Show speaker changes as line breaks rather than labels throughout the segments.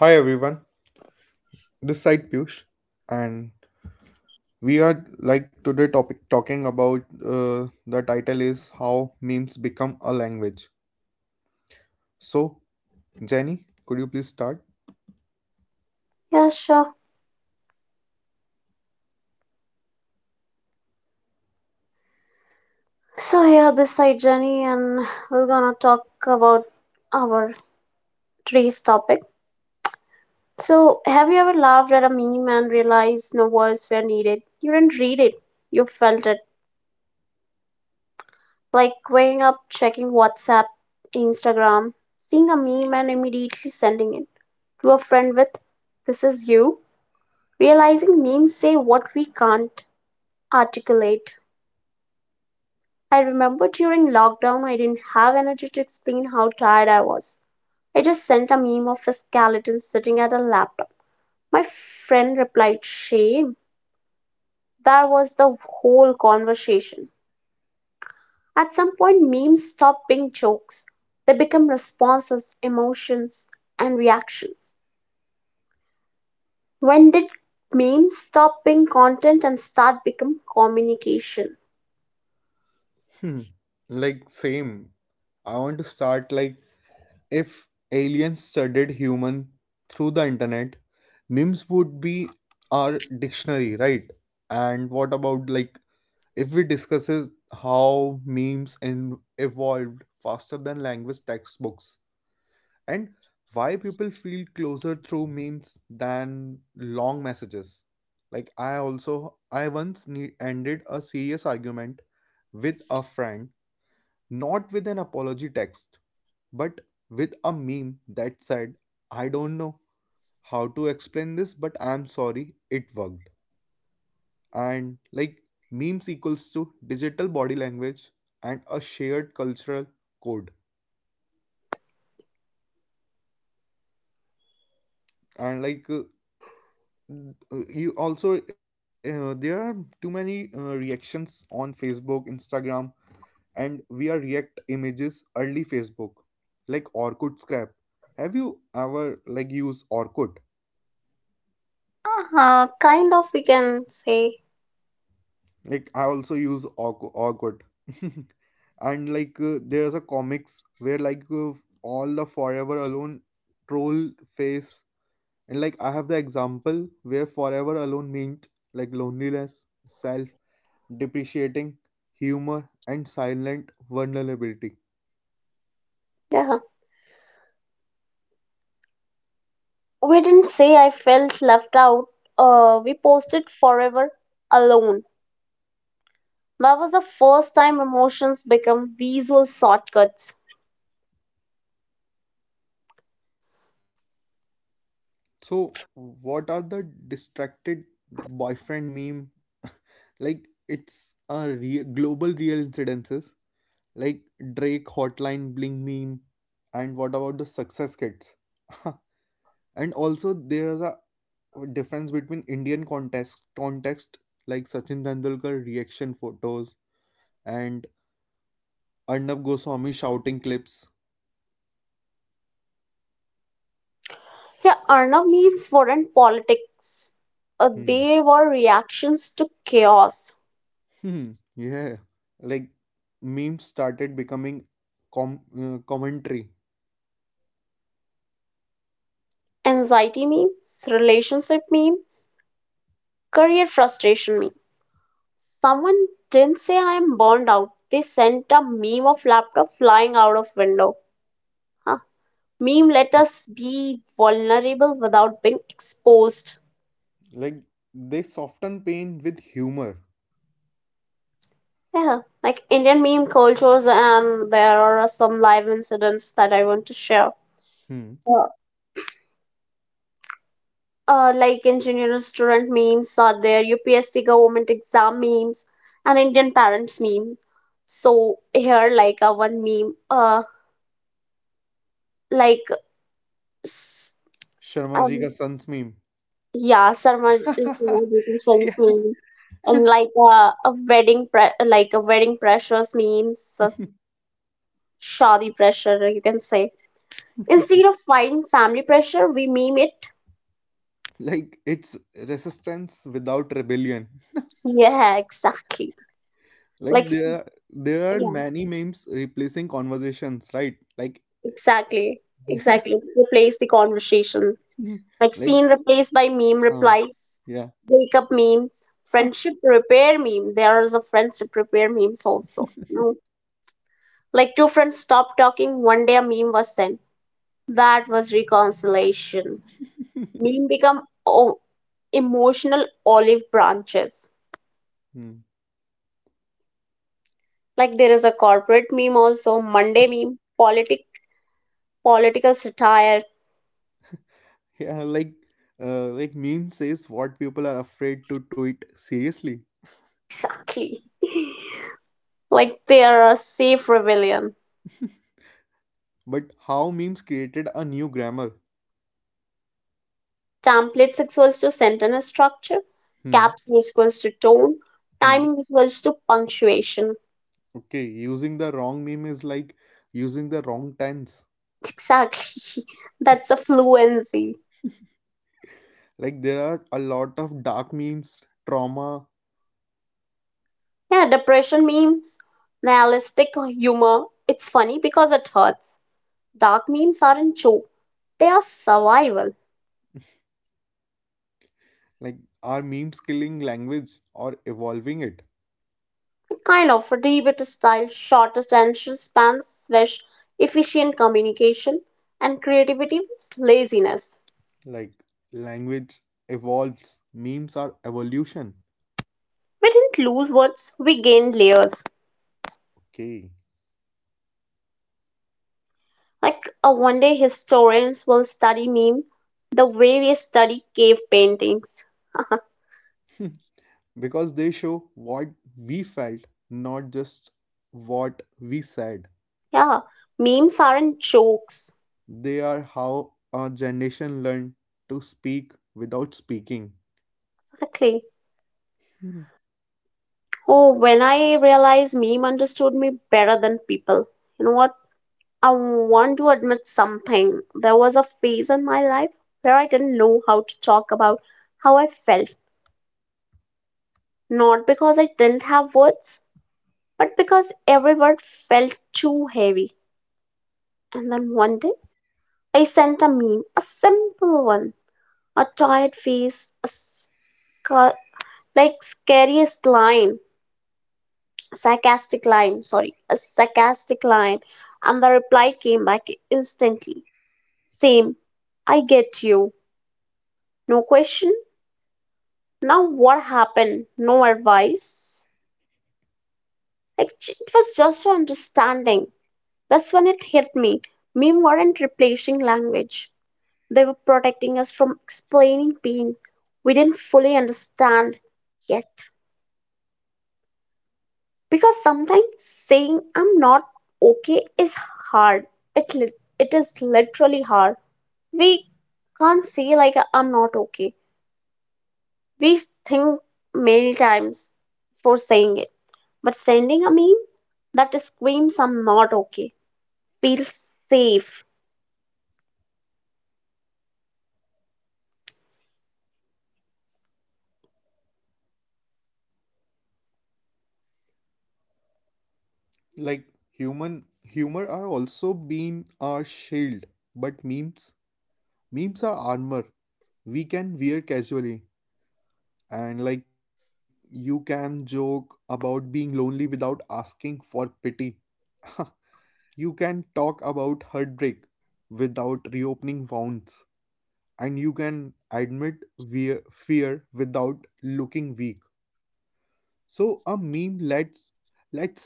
Hi everyone, this side Piyush, and we are like today topic talking about the title is how memes become a language. So Jenny, could you please start?
Yeah, sure. So here this side Jenny, and we're gonna talk about our today's topic. So, have you ever laughed at a meme and realized no words were needed? You didn't read it, you felt it. Like waking up, checking WhatsApp, Instagram, seeing a meme and immediately sending it to a friend with, "This is you." Realizing memes say what we can't articulate. I remember during lockdown, I didn't have energy to explain how tired I was. I just sent a meme of a skeleton sitting at a laptop. My friend replied, Shame. That was the whole conversation. At some point, memes stop being jokes, they become responses, emotions, and reactions. When did memes stop being content and start become communication?
Hmm. Like same. I want to start like if aliens studied human through the internet, memes would be our dictionary, right? And what about like if we discusses how memes in evolved faster than language textbooks? And why people feel closer through memes than long messages like I also I once ended a serious argument with a friend, not with an apology text, but with a meme that said I don't know how to explain this but I'm sorry. It worked. And like memes equals to digital body language and a shared cultural code, and like Uh, you also there are too many reactions on Facebook, Instagram, and we are react images early Facebook like Orkut scrap. Have you ever like use Orkut?
Huh. Kind of, we can say.
Like I also use Orkut. And like there's a comics where like all the forever alone troll face. And like I have the example where forever alone meant like loneliness, self. Depreciating humor, and silent vulnerability.
Yeah. We didn't say I felt left out. We posted forever alone. That was the first time emotions become visual shortcuts.
So, what are the distracted boyfriend meme? Like, it's a global real incidences, like Drake Hotline Bling meme, and what about the success kids? And also, there is a difference between Indian context, like Sachin Tendulkar reaction photos and Arnab Goswami shouting clips.
Yeah, Arnav memes weren't politics.
Hmm.
They were reactions to chaos.
Hmm, yeah, like memes started becoming commentary.
Anxiety memes, relationship memes, career frustration memes. Someone didn't say I am burned out. They sent a meme of laptop flying out of window. Huh. Meme let us be vulnerable without being exposed.
Like they soften pain with humor.
Yeah, like Indian meme cultures, and there are some live incidents that I want to share.
Hmm.
Yeah. Like engineering student memes are there, UPSC government exam memes, and Indian parents meme. So here, one meme, like s-
Sharma ji
um,
ka sans meme.
yeah, Sarma Singh
Yeah.
meme, and a like a wedding pressures memes, shadi pressure you can say. Instead of fighting family pressure, we meme it.
Like it's resistance without rebellion.
Yeah, exactly.
Like
Like, s-
there are
yeah,
many memes replacing conversations, right? Like
exactly,
yeah,
exactly. Replace the conversation. Like,
like
scene replaced by meme
huh,
replies,
yeah.
breakup memes, friendship repair meme. There is a friendship repair memes also, you know. Like, two friends stopped talking, one day a meme was sent. That was reconciliation. Meme become o- Emotional olive branches.
Hmm.
Like, there is a corporate meme also, Monday meme, political satire.
Yeah, like meme says what people are afraid to tweet seriously.
Exactly, like they are a safe rebellion.
But how memes created a new grammar?
Templates equals to sentence structure,
Hmm.
caps equals to tone,
Hmm.
timing equals to punctuation.
Okay, using the wrong meme is like using the wrong tense.
Exactly. That's a fluency.
Like there are a lot of dark memes, trauma.
Yeah, depression memes, nihilistic humor. It's funny because it hurts. Dark memes aren't joke, they are survival.
Like are memes killing language or evolving it?
Kind of a debate style, shortest attention spans, slash efficient communication, and creativity is laziness.
Like language evolves. Memes are evolution.
We didn't lose words, we gained layers.
Okay.
One day, historians will study meme the way we study cave paintings.
Because they show what we felt, not just what we said.
yeah, memes aren't jokes.
They are how our generation learned to speak without speaking.
Exactly.
Mhm.
Oh, when I realized meme understood me better than people. You know what? I want to admit something. There was a phase in my life where I didn't know how to talk about how I felt. Not because I didn't have words, but because every word felt too heavy. And then one day, I sent a meme, a simple one, a tired face, a scar- like scariest line, sorry, a sarcastic line, and the reply came back instantly. Same, I get you. No question. Now what happened? No advice. It was just understanding. That's when it hit me. Meme weren't replacing language. They were protecting us from explaining pain we didn't fully understand yet. Because sometimes saying I'm not okay is hard. It, li- it is literally hard. We can't say, like, I'm not okay. We think many times for saying it. But sending a meme that screams, I'm not okay, feels safe.
Like human humor are also being our shield, but memes are armor. We can wear casually, and like you can joke about being lonely without asking for pity. You can talk about heartbreak without reopening wounds, and you can admit fear without looking weak. So a meme lets let's say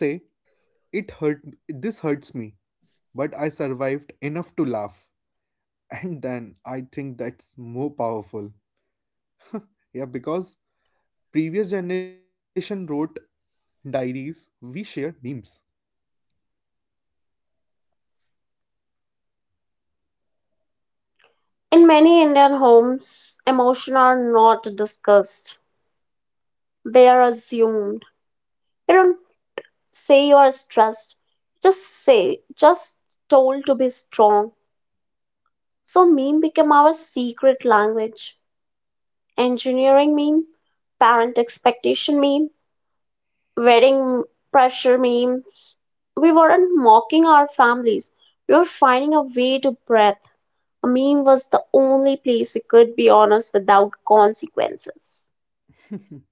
it hurt, this hurts me, but I survived enough to laugh. And then I think that's more powerful. Yeah, because previous generation wrote diaries, we share memes.
In many Indian homes, emotions are not discussed, they are assumed. You don't say you're stressed, just told to be strong. So, meme became our secret language. Engineering meme, parent expectation meme, wedding pressure meme. We weren't mocking our families, we were finding a way to breathe. A meme was the only place we could be honest without consequences.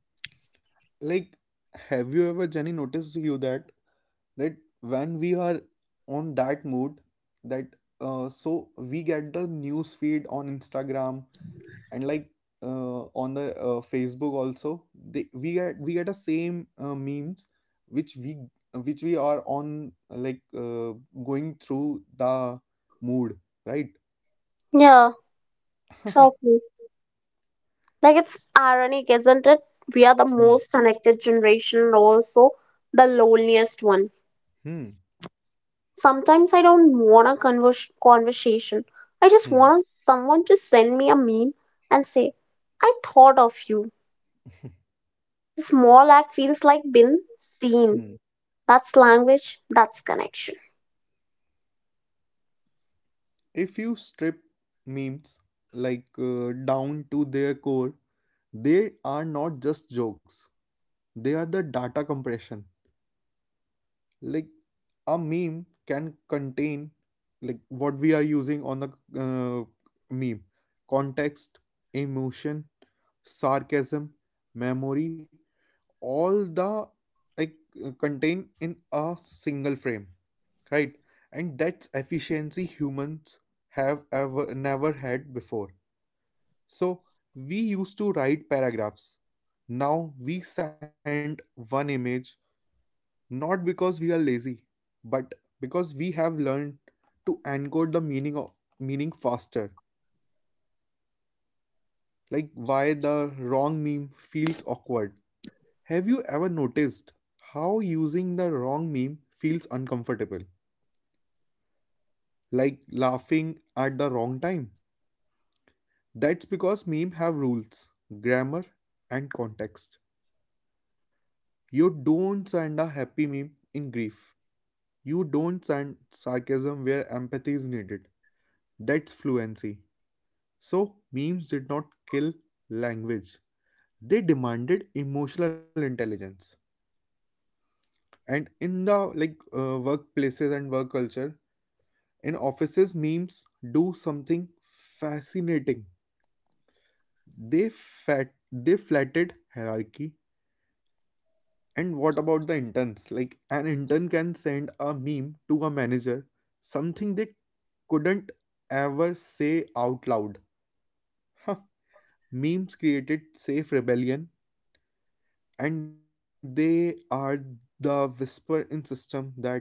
Like have you ever, Jenny, noticed you that that when we are on that mood, that so we get the news feed on Instagram, and like on the Facebook also, they we get the same memes which we which we are on like going through the mood, right?
Yeah, exactly. Like it's ironic, isn't it? We are the
Hmm.
most connected generation and also the loneliest one.
Hmm.
Sometimes I don't want a conversation. I just
Hmm.
want someone to send me a meme and say, I thought of you. The small act feels like being seen.
Hmm.
That's language, that's connection.
If you strip memes like down to their core, they are not just jokes, they are the data compression. Like a meme can contain, like what we are using on the uh, meme: context, emotion, sarcasm, memory, all the like contain in a single frame, right? And that's efficiency humans have ever never had before. So we used to write paragraphs, now we send one image, not because we are lazy, but because we have learned to encode the meaning of meaning faster. Like why the wrong meme feels awkward. Have you ever noticed how using the wrong meme feels uncomfortable? Like laughing at the wrong time. That's because memes have rules, grammar, and context. You don't send a happy meme in grief. You don't send sarcasm where empathy is needed. That's fluency. So, memes did not kill language. They demanded emotional intelligence. And in the like workplaces and work culture, in offices, memes do something fascinating. They flatted hierarchy. And what about the interns? Like an intern can send a meme to a manager, something they couldn't ever say out loud. Huh. Memes created safe rebellion, and they are the whisper in system that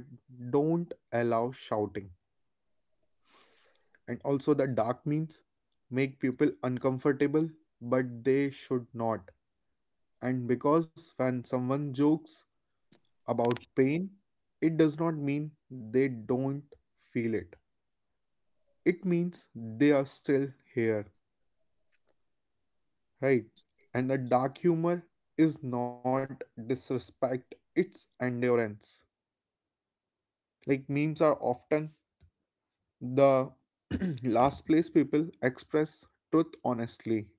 don't allow shouting. And also the dark memes make people uncomfortable, but they should not, and because when someone jokes about pain, it does not mean they don't feel it, it means they are still here, right? And the dark humor is not disrespect, it's endurance. Like memes are often the last place people express truth honestly.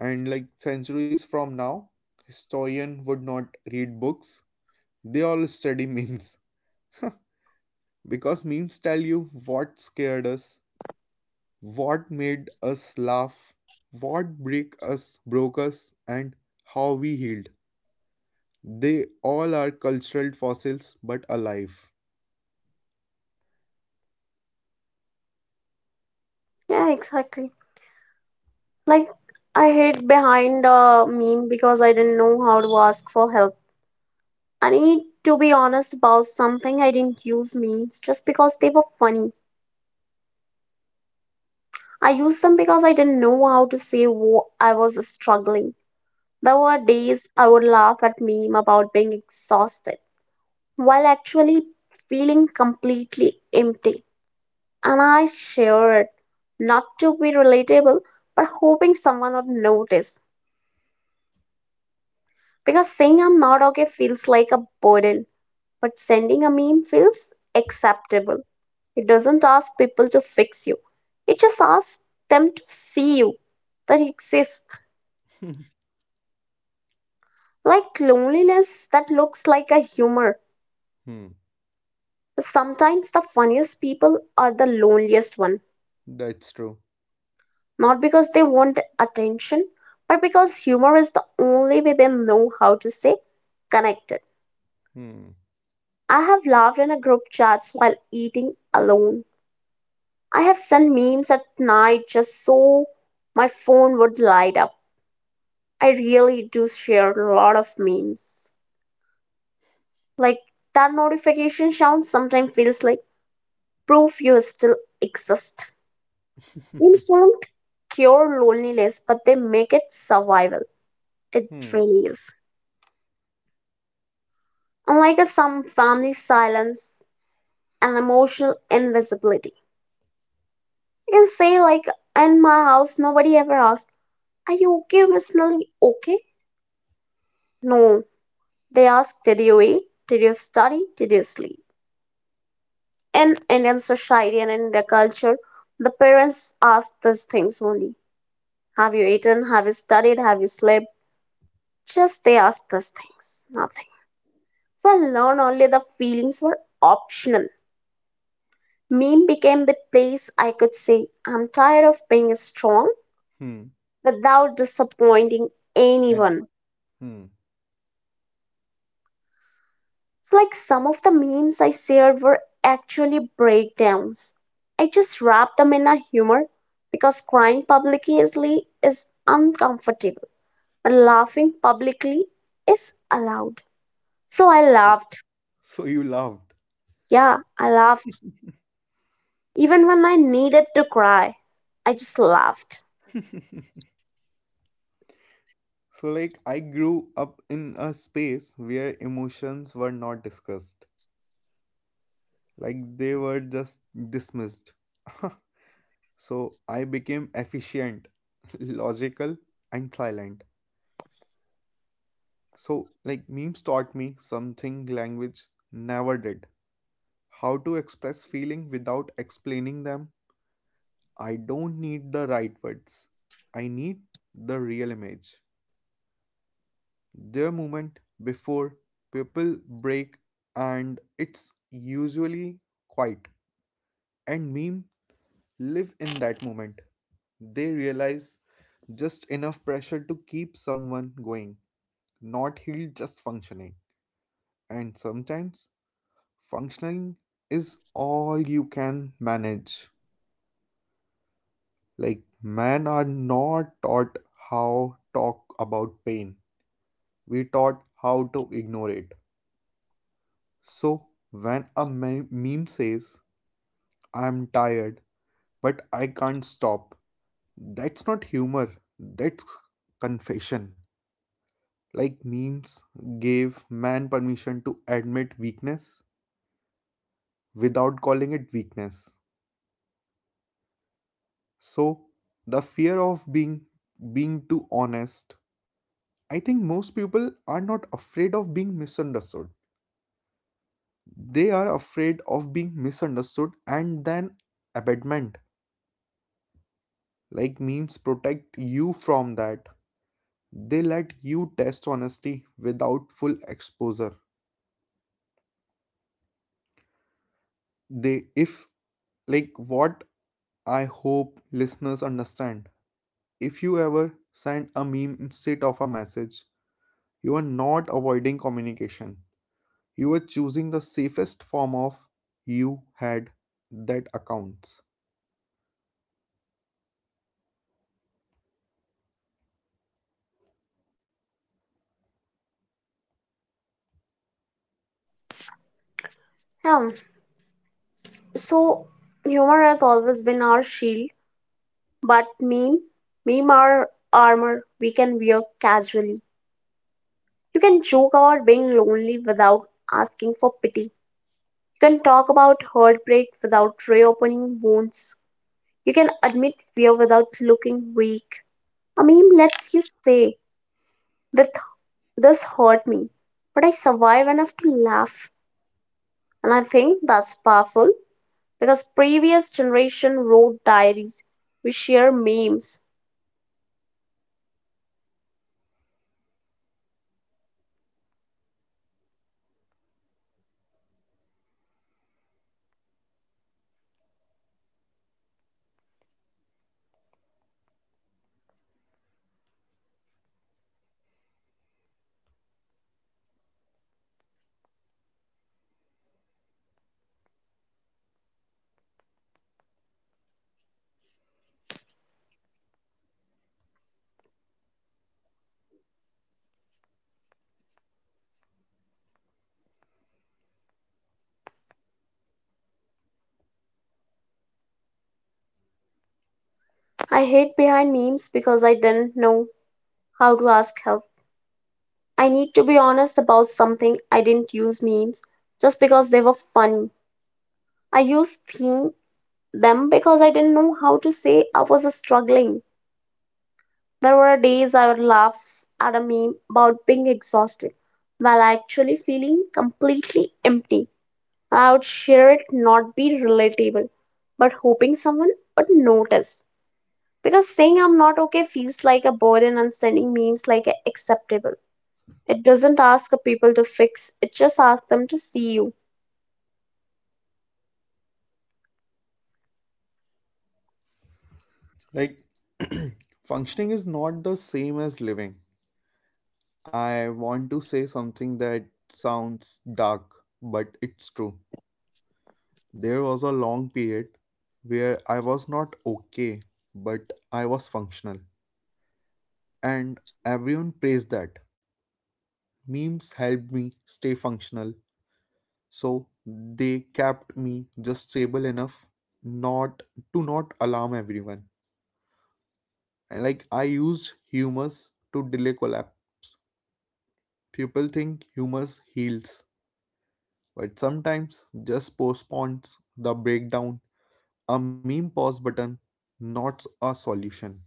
And like centuries from now historian would not read books, they all study memes. Because memes tell you what scared us, what made us laugh, what break us broke us, and how we healed. They all are cultural fossils but alive.
Yeah, exactly. Like I hid behind a meme because I didn't know how to ask for help. I need to be honest about something. I didn't use memes just because they were funny. I used them because I didn't know how to say what I was struggling. There were days I would laugh at meme about being exhausted while actually feeling completely empty. And I shared it, not to be relatable, but hoping someone would notice. Because saying I'm not okay feels like a burden. But sending a meme feels acceptable. It doesn't ask people to fix you, it just asks them to see you, that you exist. Like loneliness that looks like a humor.
Hmm,
Sometimes the funniest people are the loneliest one,
that's true.
not because they want attention, but because humor is the only way they know how to stay connected.
Hmm.
I have laughed in a group chats while eating alone. I have sent memes at night just so my phone would light up. I really do share a lot of memes. Like that notification sound sometimes feels like proof you still exist. Memes don't cure loneliness, but they make it survival. It
Hmm.
really is. Unlike a some family silence and emotional invisibility. You can say like in my house nobody ever asks, Are you okay? Personally, okay. No, they ask, Did you eat? Did you study? Did you sleep? In Indian society and in Indian culture, the parents ask these things only. Have you eaten? Have you studied? Have you slept? Just they ask these things, nothing. So I learned only the feelings were optional. Meme became the place I could say, I'm tired of being strong
Hmm.
without disappointing
And
anyone.
hmm.
It's like some of the memes I shared were actually breakdowns. I just wrapped them in a humor because crying publicly is uncomfortable, but laughing publicly is allowed. So I laughed.
So you laughed.
Yeah, I laughed. Even when I needed to cry, I just laughed.
So, like, I grew up in a space where emotions were not discussed, like, they were just dismissed. So, I became efficient, logical, and silent. So, like, memes taught me something language never did: how to express feeling without explaining them. I don't need the right words, I need the real image. Their movement before people break, and it's usually quiet, and meme live in that moment. They realize just enough pressure to keep someone going, not heal, just functioning. And sometimes functioning is all you can manage. Like men are not taught how talk about pain, we taught how to ignore it. So when a meme says I'm tired, but I can't stop. That's not humor, that's confession. Like memes gave man permission to admit weakness without calling it weakness. So, the fear of being too honest, I think most people are not afraid of being misunderstood. They are afraid of being misunderstood and then abandonment. Like memes protect you from that, they let you test honesty without full exposure. They if Like what I hope listeners understand: if you ever send a meme instead of a message, you are not avoiding communication, you are choosing the safest form of you had that accounts.
Yeah. So humor has always been our shield, but meme our armor we can wear casually. You can joke about being lonely without asking for pity. You can talk about heartbreak without reopening wounds. You can admit fear without looking weak. A meme lets you say that this hurt me, but I survive enough to laugh. And I think that's powerful because previous generation wrote diaries. We share memes. I hate behind memes because I didn't know how to ask help. I need to be honest about something. I didn't use memes just because they were funny. I used theme, them because I didn't know how to say I was struggling. There were days I would laugh at a meme about being exhausted while actually feeling completely empty. I would share it, not be relatable, but hoping someone would notice. Because saying I'm not okay feels like a burden and sending memes like acceptable. It doesn't ask the people to fix, it just asks them to see you.
Like functioning is not the same as living. I want to say something that sounds dark but it's true. There was a long period where I was not okay, but I was functional. And everyone praised that. Memes helped me stay functional, so they kept me just stable enough not to not alarm everyone. And like I used humors to delay collapse. People think humors heals, but sometimes just postpones the breakdown. A meme pause button, not a solution.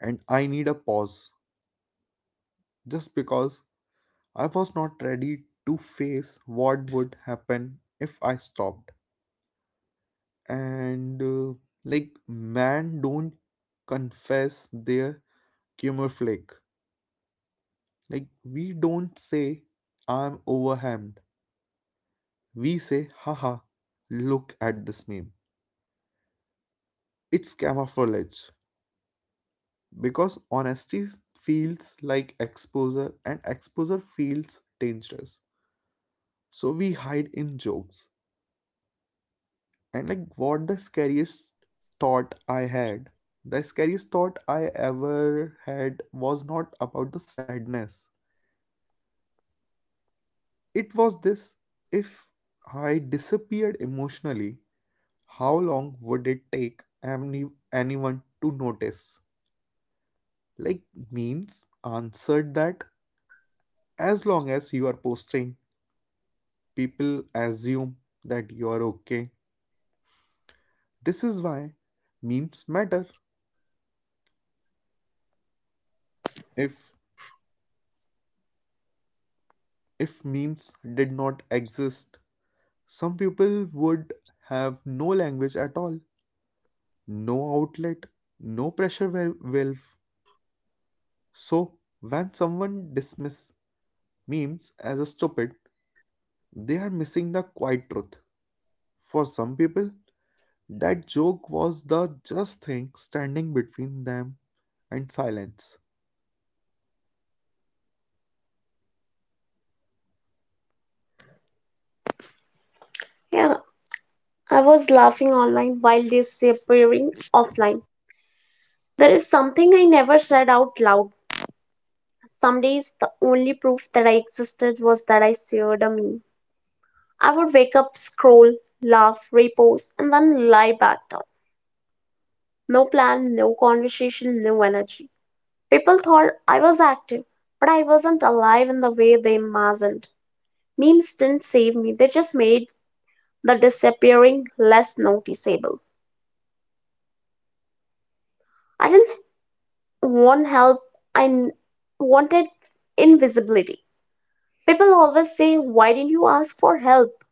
And I need a pause just because I was not ready to face what would happen if I stopped. And like, man, don't confess their flick. Like, we don't say, I'm overwhelmed. We say, haha, look at this meme. It's camouflage because honesty feels like exposure and exposure feels dangerous. So we hide in jokes. And like what the scariest thought I had, the scariest thought I ever had was not about the sadness. It was this: if I disappeared emotionally, how long would it take anyone to notice? Like, memes answered that: as long as you are posting, people assume that you are okay. This is why memes matter. If if memes did not exist, some people would have no language at all, no outlet, no pressure valve. So, when someone dismiss memes as a stupid, they are missing the quiet truth. For some people, that joke was the just thing standing between them and silence.
Yeah, I was laughing online while disappearing offline. There is something I never said out loud. Some days, the only proof that I existed was that I shared a meme. I would wake up, scroll, laugh, repost, and then lie back down. No plan, no conversation, no energy. People thought I was active, but I wasn't alive in the way they imagined. Memes didn't save me, they just made the disappearing less noticeable. I didn't want help, I n- wanted invisibility. People always say, Why didn't you ask for help?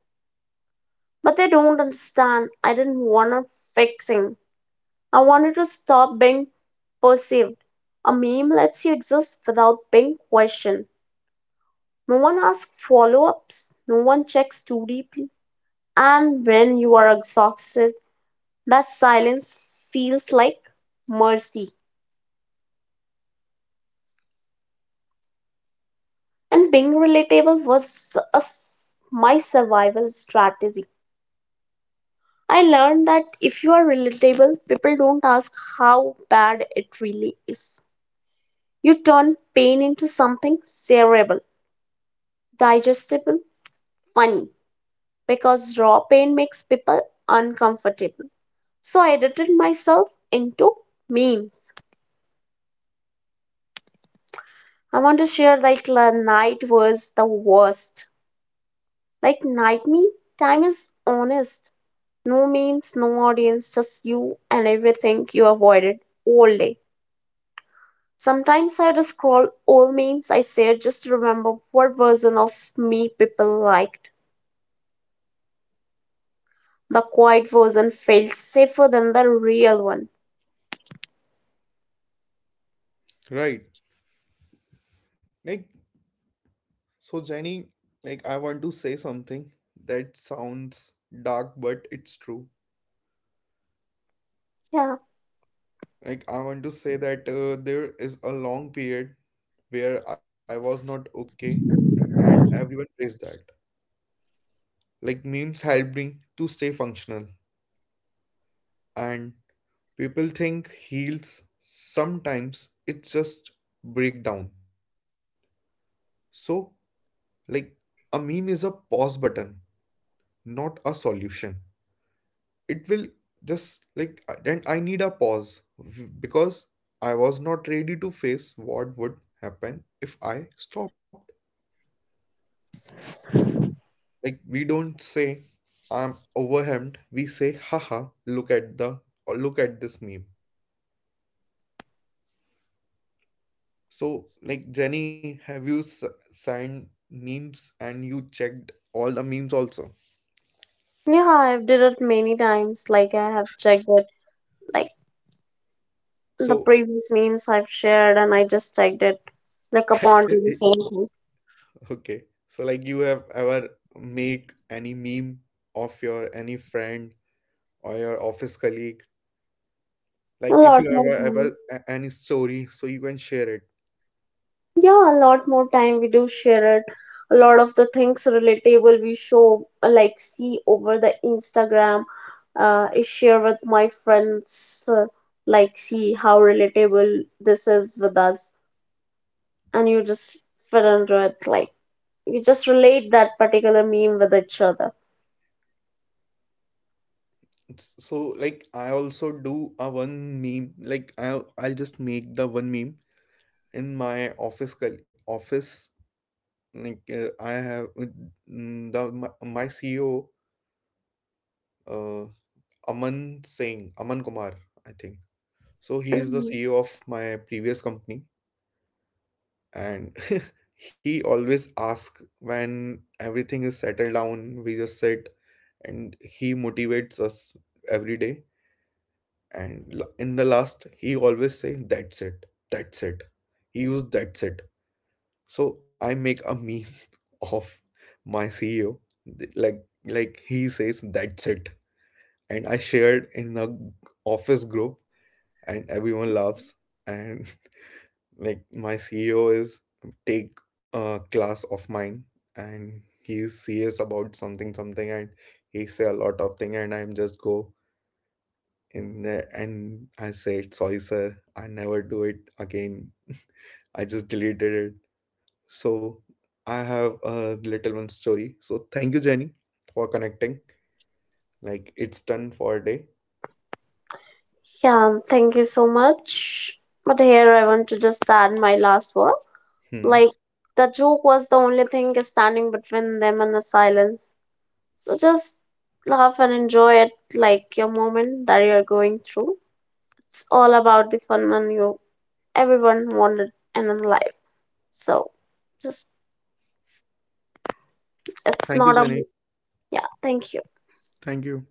But they don't understand. I didn't want a fixing. I wanted to stop being perceived. A meme lets you exist without being questioned. No one asks follow ups, no one checks too deeply. And when you are exhausted, that silence feels like mercy. And being relatable was a s my survival strategy. I learned that if you are relatable, people don't ask how bad it really is. You turn pain into something shareable, digestible, funny, because raw pain makes people uncomfortable. So I edited myself into memes. I want to share like la night was the worst. Like night me, time is honest. No memes, no audience, just you and everything you avoided all day. Sometimes I just scroll all memes I shared just to remember what version of me people liked. The quiet version felt safer than the real one.
Right. Like so Jenny, like I want to say something that sounds dark but it's true.
Yeah.
Like, I want to say that there is a long period where I was not okay, and everyone praised that. Like, memes help me to stay functional, and people think heals sometimes it's just breakdown. So, like, a meme is a pause button, not a solution. It will just like, and I need a pause because I was not ready to face what would happen if I stopped. Like we don't say I'm overwhelmed. We say, haha, look at the or look at this meme. So like Jenny, have you signed memes and you checked all the memes also?
Yeah, I've did it many times. Like I have checked it like the
So
previous memes I've shared and I just checked it like upon to the same thing.
okay. So like you have ever make any meme of your any friend or your office colleague?
A
Like if
lot
you
more
ever
times.
ever any story, so you can share it.
Yeah, a lot more time we do share it. A lot of the things relatable we show, like see over the Instagram, I share with my friends, like see how relatable this is with us, and you just fit into it, like you just relate that particular meme with each other.
So like I also do a one meme like I I'll just make the one meme in my office, like I have mm, the my, my CEO uh Aman Singh, Aman Kumar, I think, so he is the
Mhm.
CEO of my previous company. And he always asks, when everything is settled down, we just sit and he motivates us every day. And in the last he always say that's it, that's it. He used that's it. So I make a meme of my CEO, like he says that's it, and I shared in the office group, and everyone laughs. And like my CEO is take a class of mine, and he is serious about something and he say a lot of thing, and I'm just go in the, and I said sorry sir, I never do it again, I just deleted it. So I have a little one story, so thank you Jenny for connecting, like it's done for a day.
Yeah, thank you so much. But here I want to just add my last word.
Hmm.
Like the joke was the only thing standing between them and the silence. So just laugh and enjoy it like your moment that you are going through. It's all about the fun and you everyone wanted and in life. So just it's
Thank you
not a
Jenny.
yeah, thank you.
Thank you.